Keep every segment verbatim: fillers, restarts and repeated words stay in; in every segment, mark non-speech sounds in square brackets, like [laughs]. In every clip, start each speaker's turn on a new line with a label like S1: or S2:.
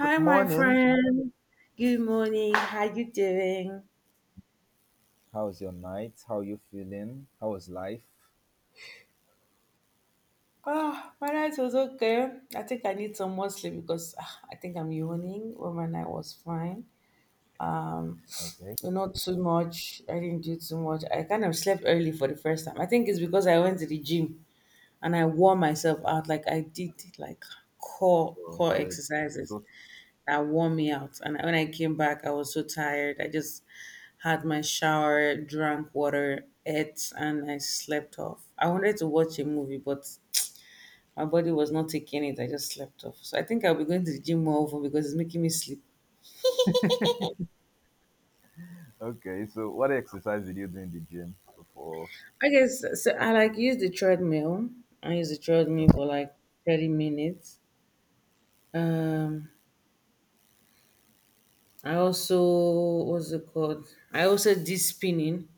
S1: Good
S2: my
S1: morning.
S2: friend. Good morning. How you doing?
S1: How's your night? How you feeling? How was life?
S2: Oh, my night was okay. I think I need some more sleep because ah, I think I'm yawning. Well, my night was fine.
S1: Okay.
S2: Well, not too much. I didn't do too much. I kind of slept early for the first time. I think it's because I went to the gym and I wore myself out. Like I did like core
S1: So,
S2: core
S1: so, that-
S2: exercises.
S1: so
S2: That wore me out. And when I came back, I was so tired. I just had my shower, drank water, ate, and I slept off. I wanted to watch a movie, but my body was not taking it. I just slept off. So I think I'll be going to the gym more often because it's making me sleep.
S1: okay. So what exercise did you do in the gym before?
S2: I guess so. I like use the treadmill. I use the treadmill
S1: Okay.
S2: for like thirty minutes. Um, I also, what's it called? I also did spinning.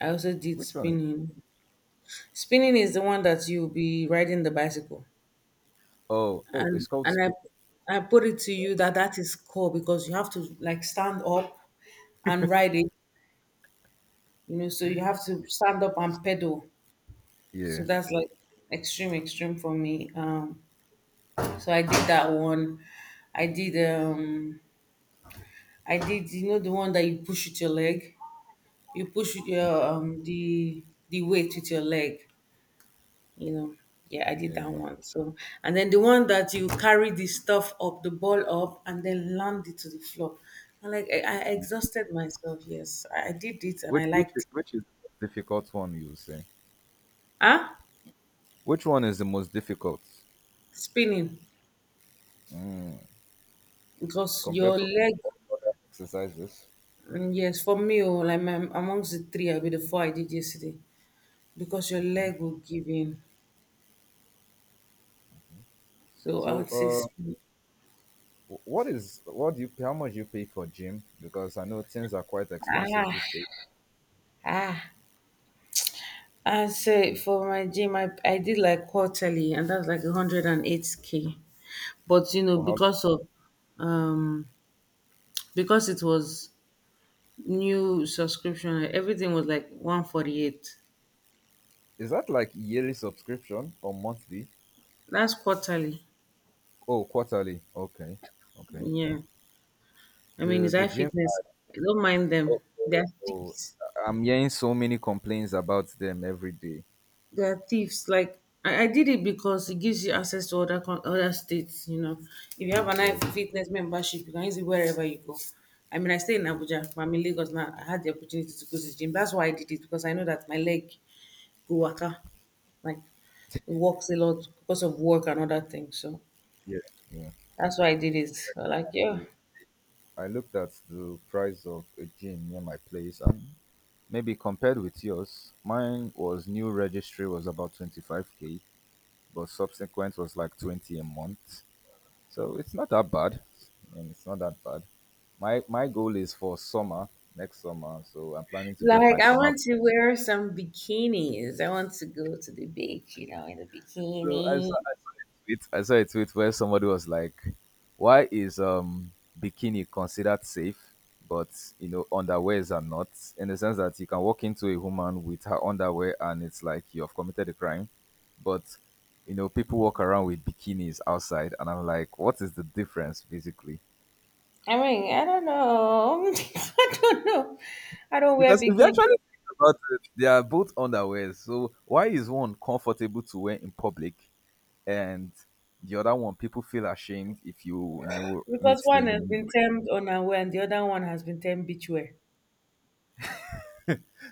S2: I also did
S1: Which one?
S2: spinning. Spinning is the one that you'll be riding the bicycle.
S1: Oh, oh,
S2: And
S1: it's called
S2: and
S1: spin.
S2: I I put it to you that that is core because you have to like stand up and ride it, you know, so you have to stand up and pedal. So
S1: Yeah.
S2: that's like extreme extreme for me. Um so I did that one. I did um I did you know the one that you push with your leg? You push with your um the the weight with your leg. You know, yeah, I did that
S1: Okay.
S2: one. So and then the one that you carry the stuff up, the ball up, and then land it to the floor, and like i, I exhausted myself. Yes, i I did it and I
S1: Which which
S2: liked it.
S1: which is the difficult one? You say.
S2: Ah,
S1: Which one is the most difficult?
S2: spinning,
S1: Mm,
S2: because your
S1: compared to
S2: leg.
S1: all other exercises.
S2: Mm, yes, for me, oh, like my, amongst the three I'll be the four I did yesterday because your leg
S1: Okay.
S2: will give in. So I
S1: So
S2: would say
S1: uh,
S2: spinning.
S1: wh- what is what do you how much do you pay for gym? Because I know things are quite expensive
S2: ah
S1: these days.
S2: ah And so for my gym, I, I did like quarterly, and that's like one hundred and eight k. But you know,
S1: For
S2: because of um, because it was new subscription, like, everything was like one forty-eight.
S1: Is that like yearly subscription or monthly?
S2: That's quarterly.
S1: Oh, quarterly. Okay, okay.
S2: Yeah. I mean,
S1: The
S2: it's
S1: the gym.
S2: iFitness. I don't mind them.
S1: Oh,
S2: They're
S1: oh, oh.
S2: thieves.
S1: I'm hearing so many complaints about them every day.
S2: They are thieves. Like I, I did it because it gives you access to other con- other states. You know, if you have an eye
S1: Yes,
S2: fitness membership, you can use it wherever you go. I mean, I stay in Abuja, but I'm in Lagos now. I had the opportunity to go to the gym. That's why I did it because I know that my leg go waka, like it works a lot because of work and other things. So
S1: yeah, yeah.
S2: that's why I did it. So, like, yeah.
S1: See, I looked at the price of a gym near my place, and maybe compared with yours, mine was new registry was about twenty five k, but subsequent was like twenty a month. So it's not that bad. I mean, it's not that bad. My my goal is for summer next summer. So I'm planning to get
S2: Like
S1: my
S2: I
S1: summer.
S2: want to wear some bikinis. I want to go to the beach, you know, in the
S1: So I
S2: bikini.
S1: saw, I saw a tweet. I saw a tweet where somebody was like, "Why is um bikini considered safe, but you know underwears are not? In the sense that you can walk into a woman with her underwear and it's like you have committed a crime, but you know people walk around with bikinis outside, and I'm like, what is the difference basically?
S2: I mean, I don't know. [laughs] I don't know. I don't wear
S1: Because if you actually
S2: bikinis
S1: think about it, they are both underwear. So why is one comfortable to wear in public and the other one people feel ashamed if you you know
S2: because
S1: meet
S2: one has
S1: them?
S2: been termed unaware and the other one has been termed beachwear.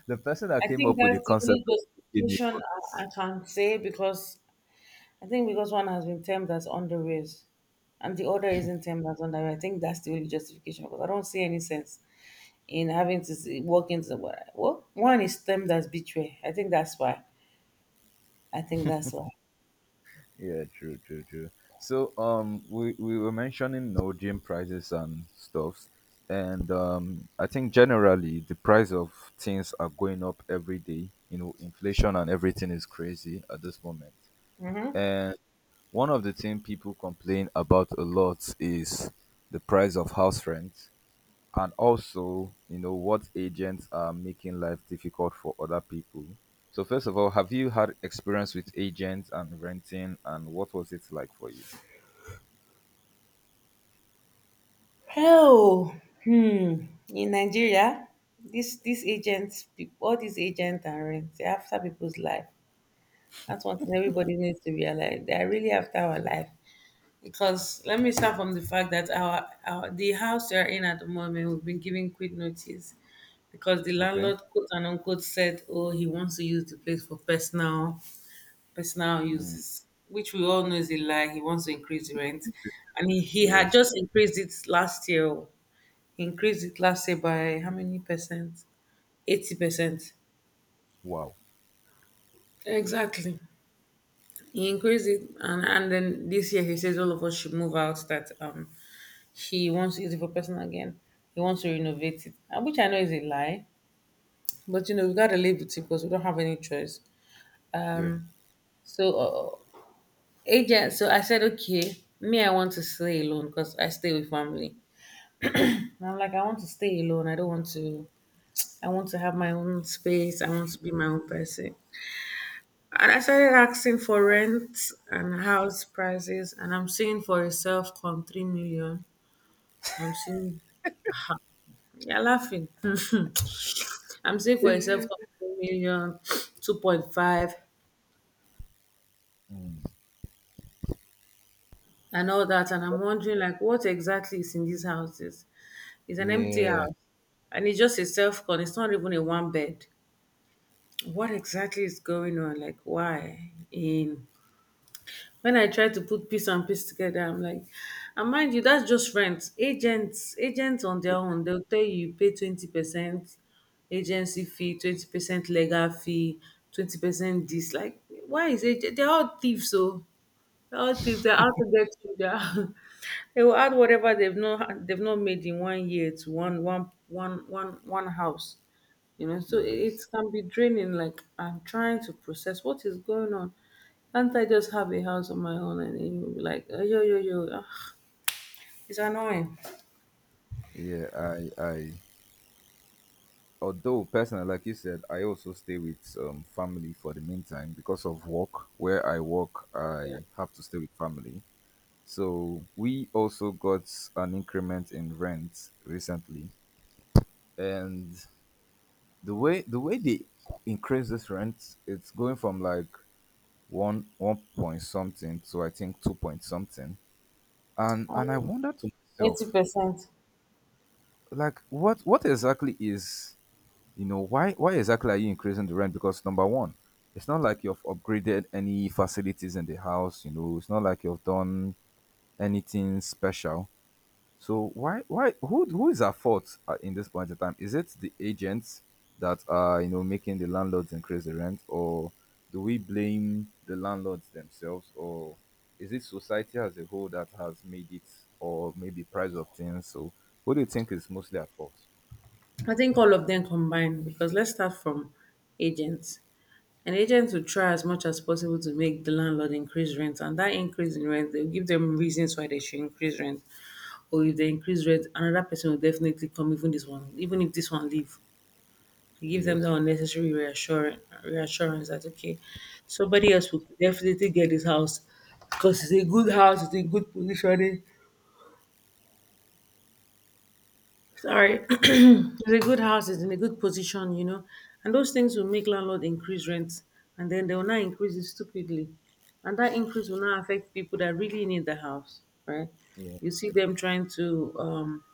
S1: The person that
S2: I
S1: came
S2: think
S1: up with
S2: that's
S1: the
S2: the
S1: concept
S2: only
S1: of bikini. Neighbor.
S2: justification I, I can say because I think because one has been termed as underwear and the other isn't termed as underwear. I think that's the only justification because I don't see any sense in having to see- walk into the, well, one is termed as beachwear. I think that's why. I think that's why.
S1: Yeah, true, true, true. So um we, we were mentioning no gym prices and stuffs and um I think generally the price of things are going up every day. You know, inflation and everything is crazy at this moment. And one of the things people complain about a lot is the price of house rent and also, you know, what agents are making life difficult for other people. So first of all, have you had experience with agents and renting and what was it like for you?
S2: Well, hmm, in Nigeria, this these agents, peop- all these agents and rents, they're after people's life. That's one thing everybody needs to realize. They are really after our life. Because let me start from the fact that our, our the house we are in at the moment, we've been given quick notice because the
S1: Okay.
S2: landlord, quote and unquote, said, "Oh, he wants to use the place for personal personal
S1: Mm.
S2: uses," which we all know is a lie. He wants to increase the rent, and he, he had
S1: Yes.
S2: just increased it last year, oh, increased it last year by how many percent? eighty percent.
S1: Wow.
S2: Exactly. He increased it, and, and then this year he says all of us should move out. That um He wants to use it for personal again. He wants to renovate it, and which I know is a lie, but you know we gotta live with it because we don't have any choice.
S1: Yeah.
S2: Um, so uh, agent, so I said okay, me I want to stay alone because I stay with family. And I'm like I want to stay alone. I don't want to. I want to have my own space. I want to be my own person. And I started asking for rent and house prices, and I'm seeing for a self com three million. I'm seeing, you're laughing. I'm seeing for a self com three million, two point five,
S1: Mm.
S2: and all that. And I'm wondering, like, what exactly is in these houses? It's an empty
S1: Yeah.
S2: house, and it's just a self con. It's not even a one bed. What exactly is going on? Like, why in when I try to put piece and piece together, I'm like, and mind you, that's just rent. Agents, agents on their own, they'll tell you you pay twenty percent agency fee, twenty percent legal fee, twenty percent this. Like, why is it? They're all thieves, so all thieves, they're out to get you. They are- [laughs] they will add whatever they've not they've not made in one year to one one one one one house. You know, so it it
S1: Yes.
S2: can be draining. Like I'm trying to process what is going on. Can't I just have a house on my own? And then you'll be like, "Oh, yo yo yo, ah, it's annoying."
S1: Yeah. I I although personally like you said I also stay with um, family for the meantime because of work where I work I have to stay with family so we also got an increment in rent recently and the way the way they increase this rent it's going from like one one point something to I think two point something and and I wonder to
S2: Eighty
S1: myself
S2: percent.
S1: like what what exactly is You know, why why exactly are you increasing the rent? Because number one, it's not like you've upgraded any facilities in the house, you know, it's not like you've done anything special. So why why who who is at fault uh, in this point in time? Is it the agents that are, you know, making the landlords increase the rent or do we blame the landlords themselves or is it society as a whole that has made it or maybe price of things? So who do you think is mostly at fault?
S2: I think all of them combined because let's start from agents. And agents will try as much as possible to make the landlord increase rent, and that increase in rent, they'll give them reasons why they should increase rent. Or if they increase rent, another person will definitely come, even this one, even if this one leave. To give them
S1: Yes.
S2: that unnecessary reassurance, reassurance that okay, somebody else will definitely get this house because it's a good house, it's a good positioning. Sorry. [clears throat]
S1: Yeah.
S2: It's a good house, is in a good position, you know. And those things will make landlord increase rent. And then they will not increase it stupidly. And that increase will not affect people that really need the house, right?
S1: yeah,
S2: You see them trying to um,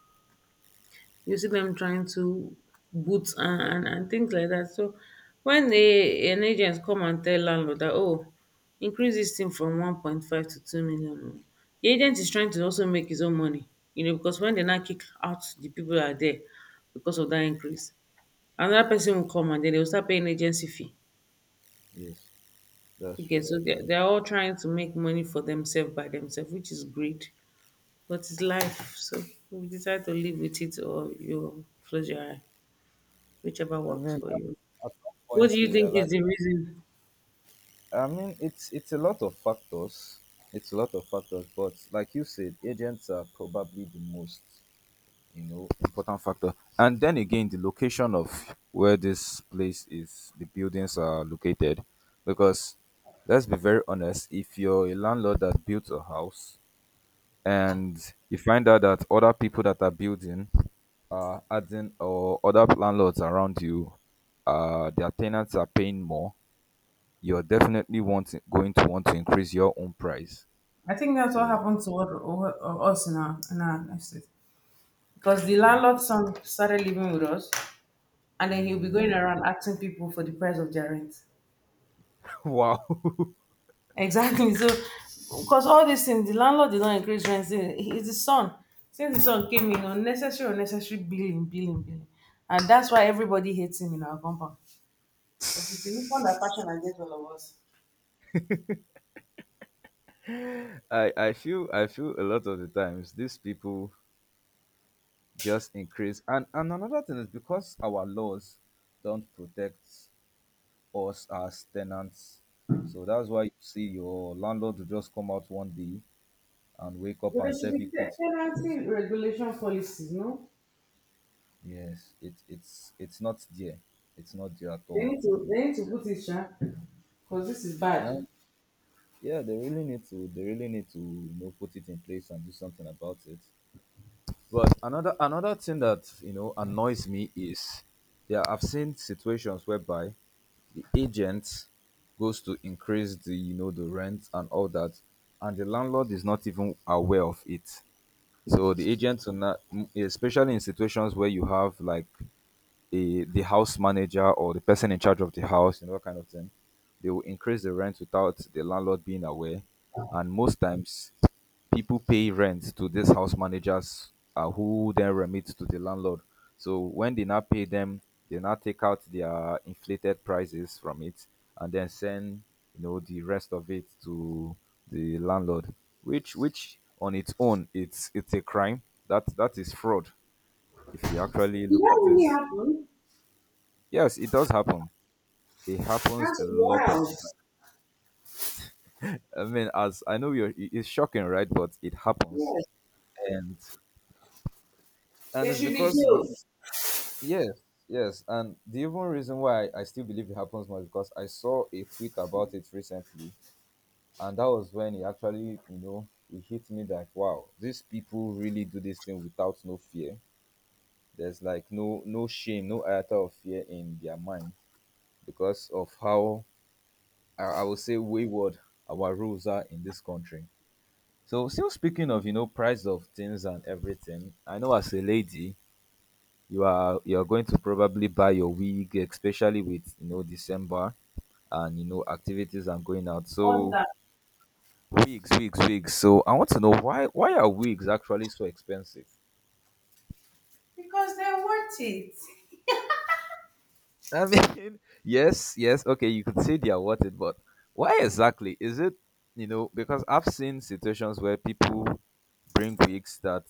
S2: you see them trying to boot and, and, and things like that. So when a, an agent come and tell landlord that, oh, increase this thing from one point five to two million, oh, the agent is trying to also make his own money, you know, because when they now kick out the people that are there because of that increase, another person will come and then they will start paying agency fee.
S1: Yes. That's
S2: Okay,
S1: true.
S2: so they're, they're all trying to make money for themselves by themselves, which is great, but it's life. So we decide to live with it or you close your eye, whichever
S1: I
S2: works
S1: mean,
S2: for you.
S1: at at some
S2: What do
S1: point
S2: you
S1: you
S2: think
S1: realize.
S2: is the reason?
S1: I mean, it's it's a lot of factors. It's a lot of factors, but like you said, agents are probably the most you know important factor. And then again, the location of where this place is, the buildings are located, because let's be very honest. If you're a landlord that built a house and you find out that other people that are building are adding or other landlords around you uh their tenants are paying more you're definitely want going to want to increase your own price
S2: I think that's what
S1: so
S2: happened to what, what- uh, us in our, in our estate. Because the
S1: okay
S2: landlord son started living with us, and then he'll be going
S1: Mm,
S2: around asking people for the price of their rent.
S1: [laughs] wow
S2: [laughs] Exactly. So, because all these things, the landlord did not increase rent. He's the son. Since the son came in, unnecessary, unnecessary, billing, billing, billing. And that's why everybody hates him in our compound. Because it's the
S1: [laughs]
S2: weapon that fashion against all of us.
S1: i i feel I feel a lot of the times these people just increase and and another thing is because our laws don't protect us as tenants so that's why you see your landlord will just come out one day and wake up
S2: But there
S1: and
S2: should
S1: serve
S2: be
S1: you quick.
S2: te- tenancy regulation policies, no?
S1: Yes, it, it's it's not there. It's not there at
S2: They
S1: all.
S2: need to they need to put it, sha, because this is bad.
S1: And yeah, they really need to they really need to you know put it in place and do something about it. But another another thing that you know annoys me is yeah, I've seen situations whereby the agent goes to increase the you know the rent and all that and the landlord is not even aware of it so the agent will not, m- especially in situations where you have like the the house manager or the person in charge of the house, you know, that kind of thing. They will increase the rent without the landlord being aware. And most times, people pay rent to these house managers uh, who then remit to the landlord. So when they now pay them, they now take out their inflated prices from it and then send you know the rest of it to the landlord, which which on its own it's it's a crime. That that is fraud if you actually
S2: Did
S1: look
S2: that
S1: at
S2: really
S1: it.
S2: happen?
S1: Yes, it does happen. It happens a
S2: That's
S1: lot of
S2: wild.
S1: the time. I mean, as I know you're, it- it's shocking, right? But it happens,
S2: Yes.
S1: and and
S2: They
S1: it's
S2: should be
S1: because we,
S2: jailed.
S1: yes, yes, and the even reason why I still believe it happens more is because I saw a tweet about it recently, and that was when it actually, you know, it hit me that wow, these people really do this thing without no fear. There's like no no shame, no iota of fear in their mind because of how I, I would say wayward our rules are in this country. So still speaking of, you know, price of things and everything, I know as a lady, you are you are going to probably buy your wig, especially with you know December and you know activities and going out.
S2: What's
S1: So
S2: that?
S1: wigs, wigs, wigs. So I want to know why why are wigs actually so expensive?
S2: Because they're worth it.
S1: I mean, [laughs] yes, yes, okay, you could say they are worth it, but why exactly? Is it, you know, because I've seen situations where people bring wigs that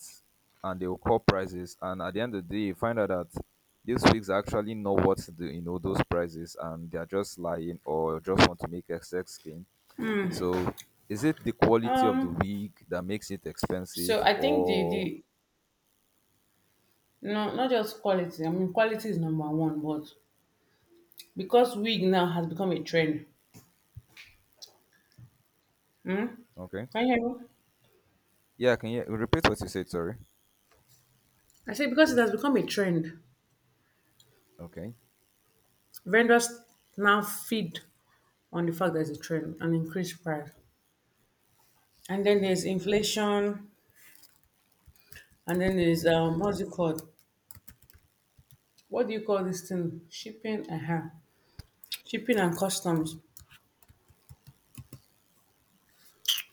S1: and they'll call prices, and at the end of the day, you find out that these wigs are actually not worth the, you know, those prices, and they're just lying or just want to make a sex skin. So, is it the quality of the
S2: Um,
S1: wig that makes it expensive,
S2: so I think the
S1: or
S2: the no, not just quality. I mean quality is number one, but because wig now has become a trend. Hmm?
S1: okay,
S2: Can you hear me?
S1: yeah, can you repeat what you said? Sorry,
S2: I say because it has become a trend,
S1: okay,
S2: vendors now feed on the fact that it's a trend and increase price. And then there's
S1: Mm,
S2: inflation, and then there's
S1: yes,
S2: um,
S1: yeah,
S2: what's it called? What do you call this thing? Shipping, uh-huh. Shipping and customs.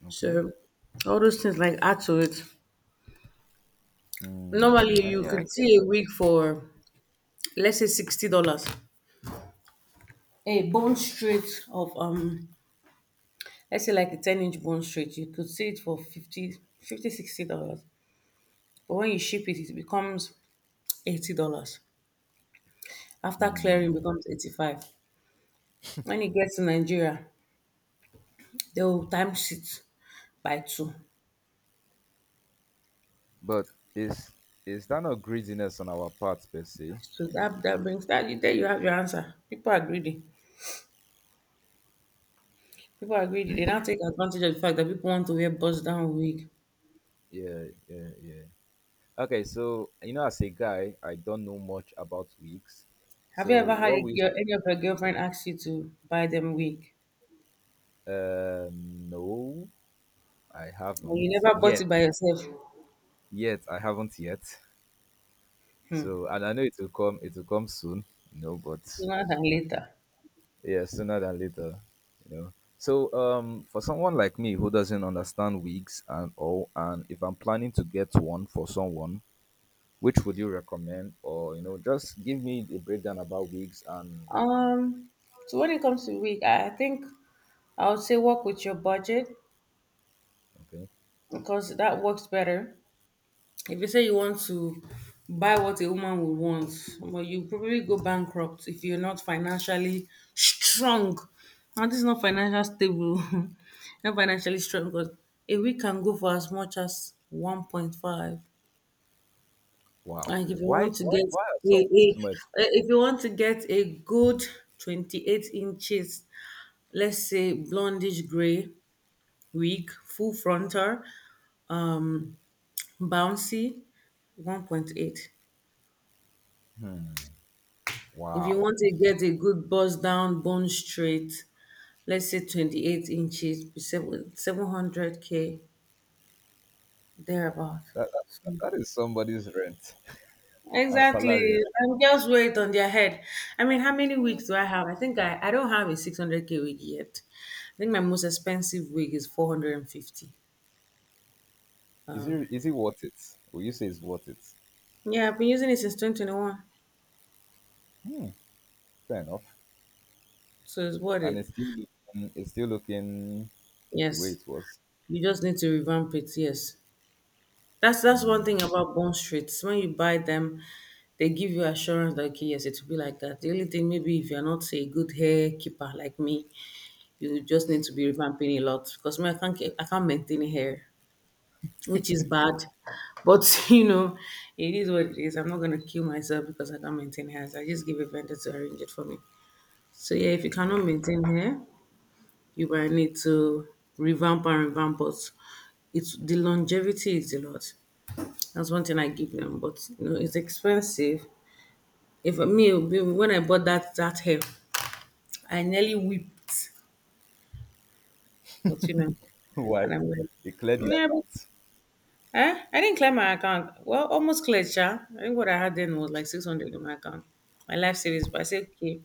S1: okay.
S2: So all those things like add to it.
S1: Mm,
S2: Normally
S1: uh,
S2: you
S1: yeah, I
S2: could
S1: get,
S2: see a wig for let's say sixty dollars. A bone straight of um let's say like a ten inch bone straight, you could see it for fifty, fifty, sixty dollars. But when you ship it, it becomes eighty dollars. After clearing it
S1: mm,
S2: becomes eighty five. When it gets to Nigeria, they will times it by two.
S1: but is is that not greediness on our part per se?
S2: So that that brings, that you there you have your answer. People are greedy. People are greedy. They now take advantage of the fact that people want to wear bust down wig.
S1: Yeah, yeah, yeah. Okay, so you know, as a guy, I don't know much about wigs.
S2: Have you
S1: So
S2: ever had
S1: what we
S2: your any of your girlfriend ask you to buy them wig?
S1: um no, I
S2: And
S1: haven't
S2: you never bought
S1: yet.
S2: it by yourself.
S1: Yet I haven't yet.
S2: Hmm.
S1: So and I know it will come. It will come soon. You know, but
S2: Sooner than later.
S1: yeah sooner than later you know so um for someone like me who doesn't understand wigs and all and if I'm planning to get one for someone which would you recommend or you know just give me a breakdown about wigs and
S2: Um so when it comes to wig, I I think I would say work with your budget
S1: okay
S2: because that works better. If you say you want to buy what a woman would want, well, you probably go bankrupt if you're not financially strong. Now, this is not financial stable, [laughs] not financially strong, because a week can go for as much as one point five.
S1: wow
S2: Like if you
S1: why
S2: want to
S1: why
S2: get
S1: why are
S2: a, a
S1: some wigs more expensive
S2: eh, if you want to get a good twenty-eight inches, let's say blondish gray wig, full frontal, um, bouncy, one point eight.
S1: hmm.
S2: If you
S1: wow
S2: want to get a good bust down bone straight, let's say twenty-eight inches, seven- 700k, thereabout.
S1: that, that, that is somebody's rent [laughs] and
S2: Exactly.
S1: salary right?
S2: And just it on their head. I mean, how many wigs do I have? I think I, I don't have a six hundred k wig yet. I think my most expensive wig is four hundred fifty.
S1: is
S2: Um,
S1: it is it worth it will you say it's worth it
S2: yeah, I've been using it since twenty twenty-one.
S1: hmm, fair enough
S2: So it's worth
S1: and
S2: it.
S1: it's still looking it's still looking the way
S2: Yes.
S1: it was
S2: You just need to revamp it. Yes. That's that's one thing
S1: Hmm,
S2: about bond streets. When you buy them, they give you assurance that okay, yes, it will be like that. The only thing maybe if you're not a good hair keeper like me, you just need to be revamping a lot because me, I can't ke- I can't maintain hair, which is bad. But [laughs] you know, it is what it is. I'm not gonna kill myself because I can't maintain hair. So I just give a vendor to arrange it for me. So yeah, if you
S1: yeah
S2: cannot maintain hair, you might need to revamp and revamp, but it's the longevity is a lot. That's one thing I give them, but you know, it's expensive. If me when I bought that that hair, I nearly wept. But you know,
S1: [laughs] Why?
S2: and I'm like,
S1: He cleared the
S2: yeah, but,
S1: account
S2: eh? I didn't clear my account. Well, almost cleared, yeah. I think what I had then was like six hundred in my account, my life savings. But I said, okay,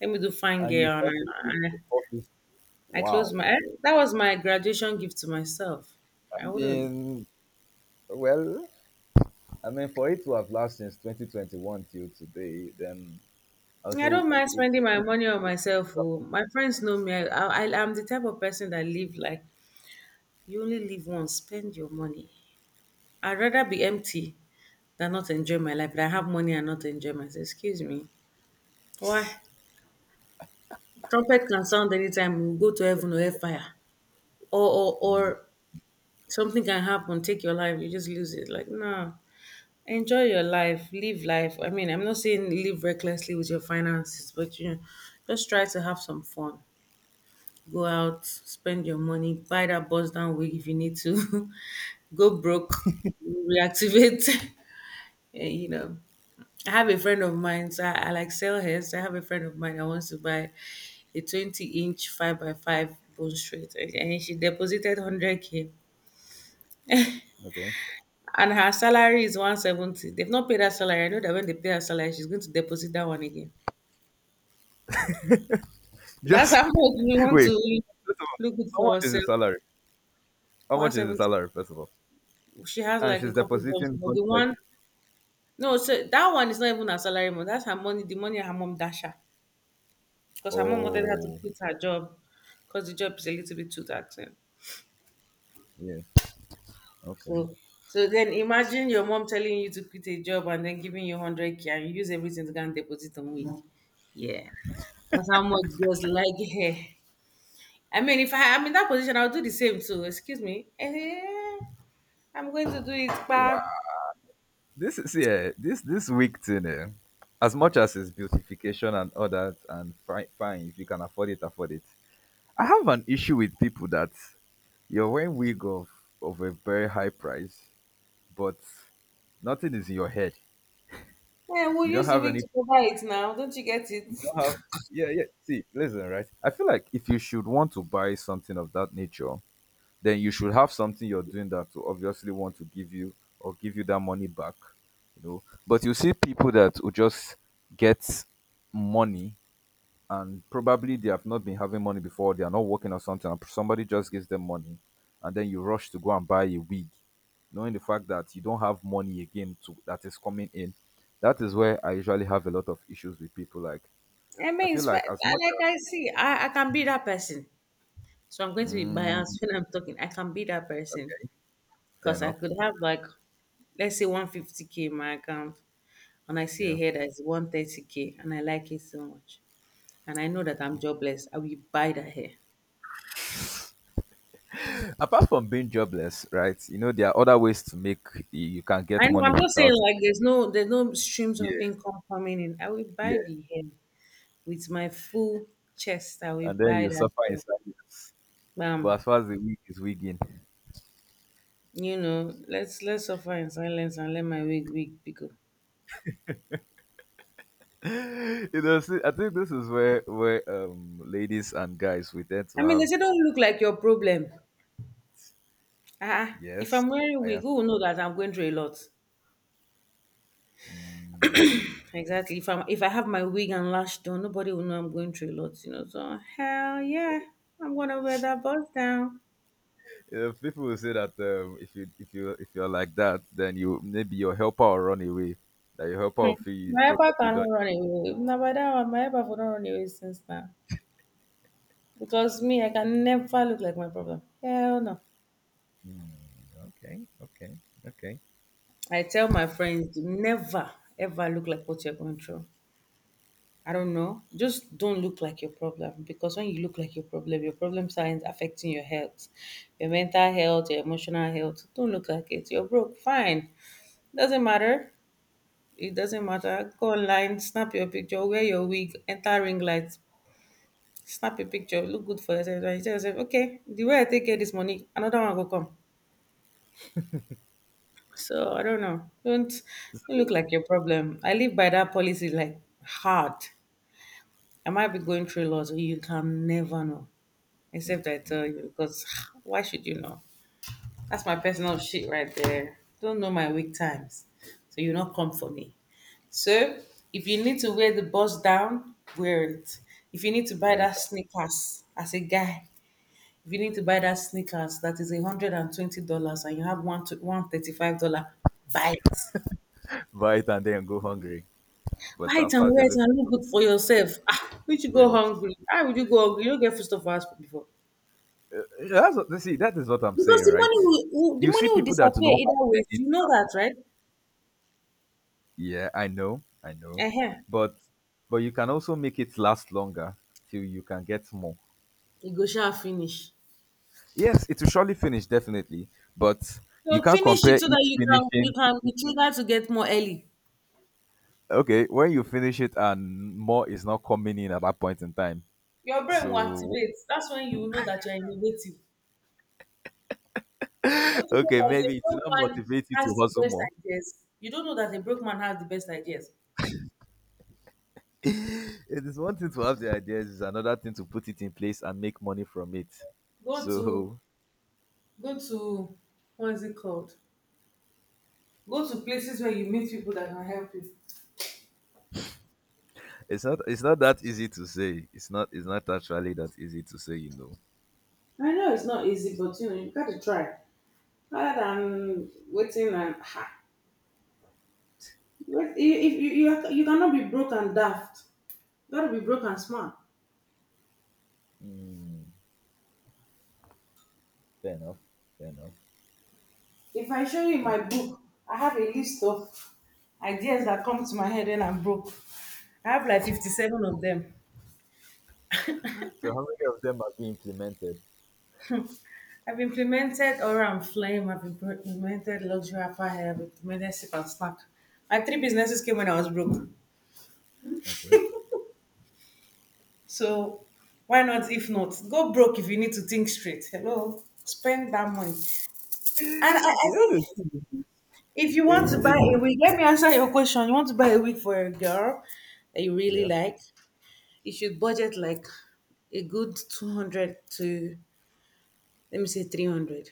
S2: let me do fine
S1: and you
S2: gear, and I,
S1: thought it was
S2: and
S1: office.
S2: I I closed
S1: Wow.
S2: my. Eh, that was my graduation gift to myself.
S1: I
S2: I wouldn't.
S1: mean, well, I mean, for it to have lasted since twenty twenty-one till today, then I'll
S2: I
S1: say
S2: don't
S1: it,
S2: mind
S1: it's
S2: spending
S1: a
S2: my
S1: good-
S2: money on myself. Oh. My friends know me. I, I, I'm the type of person that live like, you only live once, spend your money. I'd rather be empty than not enjoy my life, than have money and not enjoy myself. Excuse me. Why? Trumpet can sound anytime, we go to heaven or hellfire. Or, or,
S1: Mm,
S2: or something can happen, take your life, you just lose it. Like, no. Enjoy your life, live life. I mean, I'm not saying live recklessly with your finances, but you know, just try to have some fun. Go out, spend your money, buy that bus down wig if you need to, [laughs] go broke, reactivate. [laughs] eh, you know. I have a friend of mine, so I, I like sell hers. I have a friend of mine that wants to buy a twenty inch five by five bone straight, and and she deposited one hundred k.
S1: okay.
S2: And her salary is one seventy. They've not paid her salary. I know that when they pay her salary, she's going to deposit that one again. That's
S1: Just
S2: how much we
S1: [laughs]
S2: want
S1: wait.
S2: to
S1: First of all,
S2: look good
S1: how
S2: for
S1: much is the
S2: ourselves.
S1: salary? How much is the
S2: one seventy.
S1: salary, first of all?
S2: She has
S1: And
S2: like a
S1: she's
S2: couple jobs,
S1: depositing
S2: but the
S1: one hundred.
S2: one, no, so that one is not even her salary, money. That's her money, the money her mom dash her. Because her mom wanted her to
S1: Oh,
S2: quit her job because the job is a little bit too taxing.
S1: yes.
S2: So
S1: Okay.
S2: So then imagine your mom telling you to quit a job and then giving you one hundred k and you use everything to go and deposit on week. Yeah. That's how much girls like hair. I mean, if I, I'm in that position, I'll do the same too. Excuse me. Eh, I'm going to do it, but
S1: This is yeah, this this week thing, eh, as much as it's beautification and all that, and fine, fine, if you can afford it, afford it. I have an issue with people that you're wearing wig of of a very high price, but nothing is in your head.
S2: yeah, we'll
S1: You don't
S2: use the
S1: have
S2: week to
S1: any.
S2: cover it now. Don't you get it?
S1: You don't have. Yeah, yeah. See, listen, right. I feel like if you should want to buy something of that nature, then you should have something you're doing that will obviously want to give you or give you that money back, you know. But you see people that will just get money and probably they have not been having money before, they are not working or something, and somebody just gives them money, and then you rush to go and buy a wig, knowing the fact that you don't have money again to that is coming in. That is where I usually have a lot of issues with people. Like
S2: I
S1: I
S2: mean,
S1: feel
S2: it's
S1: like
S2: fair-
S1: as much
S2: like
S1: as
S2: I see, I, I can be that person. So I'm going to be
S1: mm,
S2: biased when I'm talking. I can be that person.
S1: fair
S2: Because I
S1: enough,
S2: could have like, let's say one fifty k in my account, and I see a
S1: yeah.
S2: hair that is one thirty k, and I like it so much. And I know that I'm jobless. I will buy that hair.
S1: Apart from being jobless, right? You know, there are other ways to make you can
S2: I
S1: get
S2: know
S1: money
S2: I'm just saying
S1: without
S2: like there's no there's no streams of
S1: yeah,
S2: income coming in. I will buy
S1: yeah.
S2: the hair with my full chest. I will
S1: And then
S2: buy
S1: you
S2: that
S1: suffer in
S2: hair.
S1: silence.
S2: Bam.
S1: But as far as the wig is wigging.
S2: You know, let's let's suffer in silence and let my wig wig be go.
S1: [laughs] You know, see, I think this is where where um ladies and guys we tend to
S2: I mean they
S1: have.
S2: say don't look like your problem. Ah, ah. If
S1: Yes,
S2: I'm wearing
S1: I
S2: wig,
S1: ask.
S2: who will know that I'm going through a lot?
S1: Mm.
S2: Exactly. If I'm if I have my wig and lash done, nobody will know I'm going through a lot, you know. So hell yeah, I'm gonna wear that bus down.
S1: You know, people will say that um, if you if you if you're like that, then you maybe your helper will run away. That your helper will feel you
S2: My helper
S1: probably
S2: cannot
S1: don't.
S2: run away. Now by that one, my helper will not run away since now. Because me, I can never look like my problem. Hell no.
S1: Hmm, okay, okay, okay.
S2: I tell my friends, never ever look like what you're going through. I don't know. Just don't look like your problem because when you look like your problem, your problem signs affecting your health, your mental health, your emotional health. Don't look like it. You're broke, fine. Doesn't matter. It doesn't matter. Go online, snap your picture, wear your wig, enter ring light, snap your picture, look good for yourself. And you tell yourself, okay, the way I take care of this money, another one will come. So I don't know. Don't, don't
S1: So,
S2: look like your problem. I live by that policy like hard. I might be going through lots, so you can never know.
S1: hmm,
S2: Except I tell
S1: okay.
S2: you, because [sighs] why should you know? That's my
S1: Mm.
S2: personal shit right there. Don't know my weak times. So you not come for me. So if you need to wear the bust down, wear it. If you need to buy
S1: Wait,
S2: that sneakers as a guy, if you need to buy that sneakers that is a hundred and twenty dollars and you have one to one thirty five dollar, buy it.
S1: Vita and then go hungry.
S2: Buy
S1: But
S2: it
S1: as
S2: and
S1: far as
S2: wear
S1: you're
S2: it
S1: looking,
S2: and look good for yourself. Ah, would you go
S1: yes,
S2: hungry? How would you go hungry? You don't get food for us before.
S1: that's what. See, that is what I'm
S2: Because
S1: saying,
S2: the
S1: right?
S2: money will, will the
S1: You
S2: money
S1: see
S2: will
S1: people that do
S2: disappear
S1: not have
S2: either way. You
S1: anything
S2: know
S1: at
S2: that,
S1: all.
S2: right?
S1: Yeah, I know, I know,
S2: Uh-huh.
S1: but but you can also make it last longer till you can get more.
S2: You go shall finish.
S1: Yes, it will surely finish definitely, but you
S2: So
S1: can't
S2: finish it
S1: compare
S2: so
S1: it
S2: that you can you
S1: finishing.
S2: can be triggered to get more early.
S1: Okay, when you finish it and more is not coming in at that point in time.
S2: Your brain will
S1: So
S2: activate. That's when you will know that you're innovative. Don't
S1: [laughs]
S2: you know
S1: okay,
S2: that the
S1: maybe it will
S2: broke
S1: not
S2: man
S1: motivate you
S2: has
S1: to
S2: the
S1: hustle
S2: best
S1: more.
S2: ideas? You don't know that the broke man has the best ideas.
S1: [laughs] It is one thing to have the ideas, it's another thing to put it in place and make money from it,
S2: Go to
S1: so
S2: go to what is it called? Go to places where you meet people that can help you.
S1: [laughs] it's not it's not that easy to say, it's not it's not actually that easy to say you know
S2: I know it's not easy,
S1: It's- like,
S2: but you know you got to try. Rather than waiting and ha, wait, if if you, you you cannot be broke and daft, you got to be broke and smart.
S1: mm, fair enough. Fair enough.
S2: If I show you my
S1: Fair.
S2: book, I have a list of ideas that come to my head when I'm broke. I have like fifty-seven of them.
S1: So how many of them have been implemented?
S2: I've implemented Aura and Flame, I've implemented Luxury Apparel, I've implemented Sip and Snack. My three businesses came when I was broke.
S1: Okay.
S2: So why not if not? Go broke if you need to think straight. Hello? Spend that money. And I,
S1: [laughs]
S2: I
S1: You know the
S2: think
S1: thing,
S2: if you want
S1: if
S2: to buy
S1: if,
S2: a wig, let me answer your question. You want to buy a wig for a girl that you really
S1: yeah,
S2: like? You should budget like a good two hundred to, let me say, three hundred.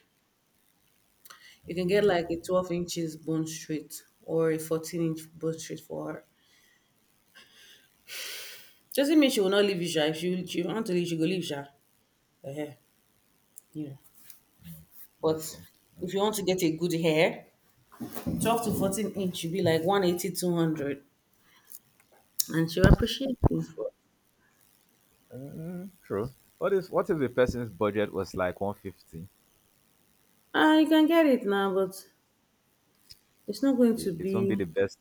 S2: You can get like a twelve inches bone straight or a fourteen inch bone straight for her. Doesn't mean she will not leave you sha. If she, you want to leave she go leave sha. Uh-huh. You know. But
S1: that's true. That's
S2: if you
S1: true.
S2: want to get a good hair, twelve to fourteen inch should be like one eighty two hundred, and she'll appreciate you.
S1: Mm, true. What if what if the person's budget was like one fifty?
S2: Ah you can get it now, but it's not going to
S1: It, it won't be the
S2: be
S1: best.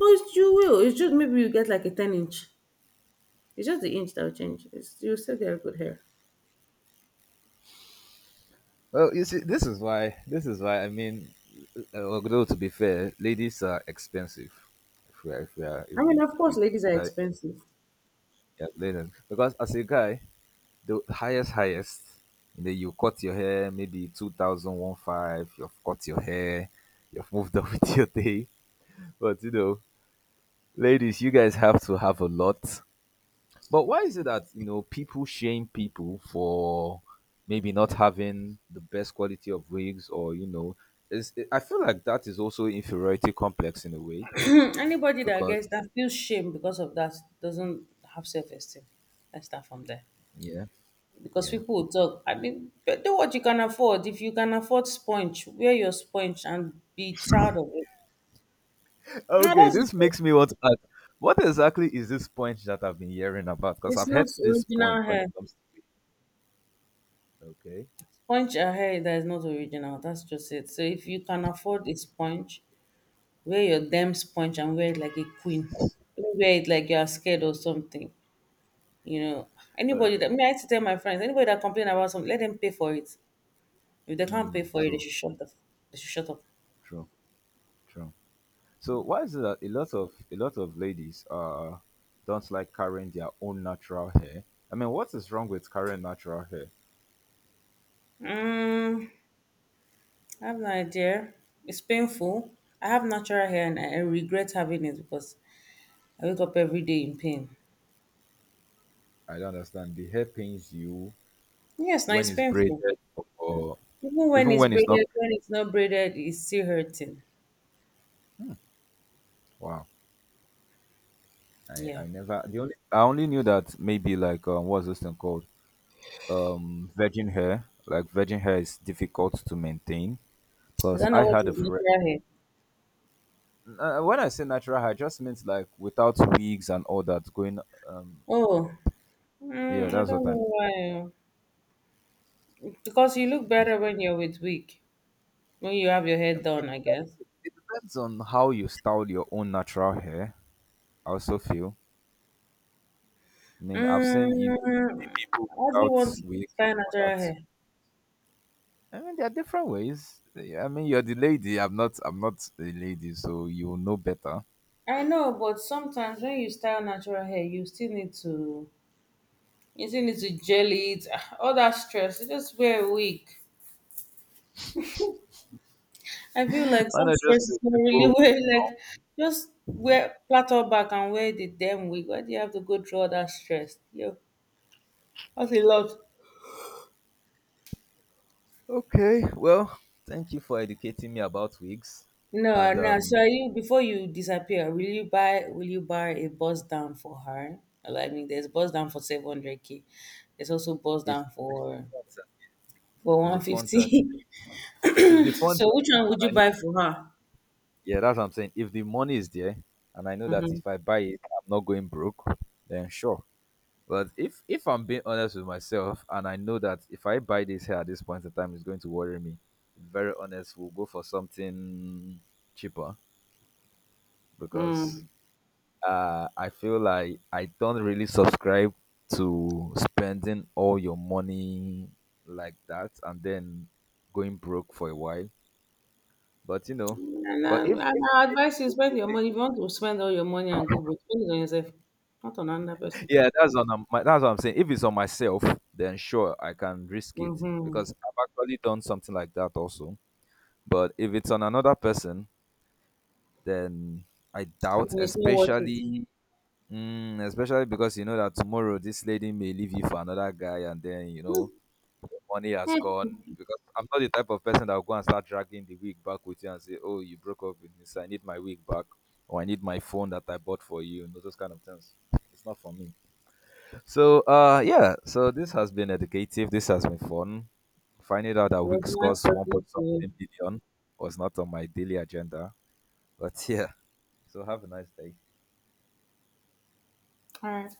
S2: oh it's, you will it's just maybe you get like a ten inch. It's just the inch that will change. It's, you'll still get good hair.
S1: Well, you see, this is why. This is why. I mean, uh, although to be fair, ladies are expensive. If we are, if we are, if
S2: I
S1: we,
S2: mean, of
S1: if
S2: course,
S1: we
S2: ladies are
S1: buy,
S2: expensive.
S1: yeah, linen, because as a guy, the highest, highest, and then you cut your hair, maybe two thousand one five. You've cut your hair, you've moved [laughs] on with your day. But you know, ladies, you guys have to have a lot. But why is it that you know people shame people for maybe not having the best quality of wigs, or you know, is it, I feel like that is also inferiority complex in a way
S2: [clears throat] Anybody that
S1: because,
S2: gets that feels shame because of that doesn't have self esteem. Let's start from there.
S1: yeah,
S2: Because
S1: yeah.
S2: people will talk, I mean, but do what you can afford. If you can afford sponge, wear your sponge and be proud of it. No,
S1: Okay,
S2: that's the
S1: this
S2: truth.
S1: makes me want to ask, what exactly is this point that I've been hearing about? Because
S2: It's
S1: I've
S2: not
S1: heard this point
S2: original
S1: when
S2: hair.
S1: it comes to wigs. Okay,
S2: Sponge a hair that is not original. That's just it. So if you can afford a sponge, wear your damn sponge and wear it like a queen. Don't wear it like you are scared or something. You know, anybody
S1: okay.
S2: that me, I used to tell my friends, anybody that complain about something, let them pay for it. If they can't pay
S1: Hmm.
S2: for it, they
S1: True,
S2: should shut up. They should shut up.
S1: true, true. So why is it that a lot of a lot of ladies uh don't like carrying their own natural hair? I mean, what is wrong with carrying natural hair?
S2: Mm, I have no idea. It's painful. I have natural hair and I I regret having it because I wake up every day in pain.
S1: I don't understand. The hair pains you
S2: Yes, now
S1: when
S2: it's
S1: it's
S2: painful.
S1: braided, or, or
S2: Even when
S1: even
S2: it's
S1: when it's not.
S2: braided, when it's not braided, it's still hurting.
S1: Wow, I,
S2: Yeah.
S1: I never the only I only knew that maybe like, um, what's this thing called, um virgin hair. Like virgin hair is difficult to maintain.
S2: I
S1: Plus,
S2: don't
S1: I
S2: know what
S1: had a
S2: is
S1: friend.
S2: natural hair.
S1: Uh, when I say natural hair, I just means like without wigs and all that going. Um,
S2: Oh, mm,
S1: yeah,
S2: I
S1: that's
S2: don't
S1: what I mean.
S2: know why. Because you look better when you're with wig. When you have your hair
S1: It
S2: done, I guess.
S1: depends it depends on how you style your own natural hair. I also feel. I mean, I've seen you know
S2: Mm,
S1: people
S2: how do you
S1: without
S2: want to
S1: wigs and
S2: style
S1: all
S2: natural
S1: that.
S2: hair?
S1: I mean, there are different ways. I mean, you're the lady. I'm not. I'm not the lady, so you will know better.
S2: I know, but sometimes when you style natural hair, you still need to you still need to gel it. [sighs] Ah, all that stress, you just wear a wig. I feel like
S1: [laughs] Why
S2: some
S1: not just
S2: stress is
S1: let
S2: not really
S1: people?
S2: [laughs] wear like just wear platter back and wear the damn wig. Why do you have to go through all that stress? Yo, that's a lot.
S1: Okay. Well, thank you for educating me about wigs.
S2: No,
S1: And
S2: no.
S1: um,
S2: So are you, before you disappear, will you buy will you buy a bus down for her? I mean there's bus down for seven hundred K. There's also bus
S1: if,
S2: down for for
S1: if
S2: one
S1: the funds are
S2: fifty.
S1: if the
S2: [laughs]
S1: funds
S2: So which one
S1: are, and
S2: would you
S1: I know.
S2: buy for her?
S1: Yeah, that's what I'm saying. If the money is there, and I know that
S2: Mm-hmm.
S1: if I buy it, I'm not going broke, then sure. But if if I'm being honest with myself, and I know that if I buy this hair at this point in time, it's going to worry me. Very honest, we'll go for something cheaper because,
S2: Mm.
S1: uh, I feel like I don't really subscribe to spending all your money like that and then going broke for a while. But you know,
S2: And, I,
S1: but if
S2: and
S1: if,
S2: I advise you spend your
S1: if
S2: money. If you want to spend all your money and go broke, spend it on yourself, not on another person.
S1: yeah, that's on um, my, that's what I'm saying. If it's on myself, then sure, I can risk it
S2: Mm-hmm.
S1: because I've actually done something like that also. But if it's on another person, then I doubt,
S2: It's not worth it. [laughs]
S1: especially mm, especially because you know that tomorrow this lady may leave you for another guy, and then you know the money has
S2: Eh,
S1: gone.
S2: it
S1: Because I'm not the type of person that will go and start dragging the wig back with you and say, "Oh, you broke up with me, so I need my wig back, or I need my phone that I bought for you," and those kind of things. It's not for me. So uh yeah, so this has been educative. This has been fun. Finding out that
S2: was
S1: week's
S2: nice
S1: cost one
S2: talking
S1: point
S2: to you.
S1: something billion was not on my daily agenda. But [laughs] yeah. So have a nice day.
S2: All right.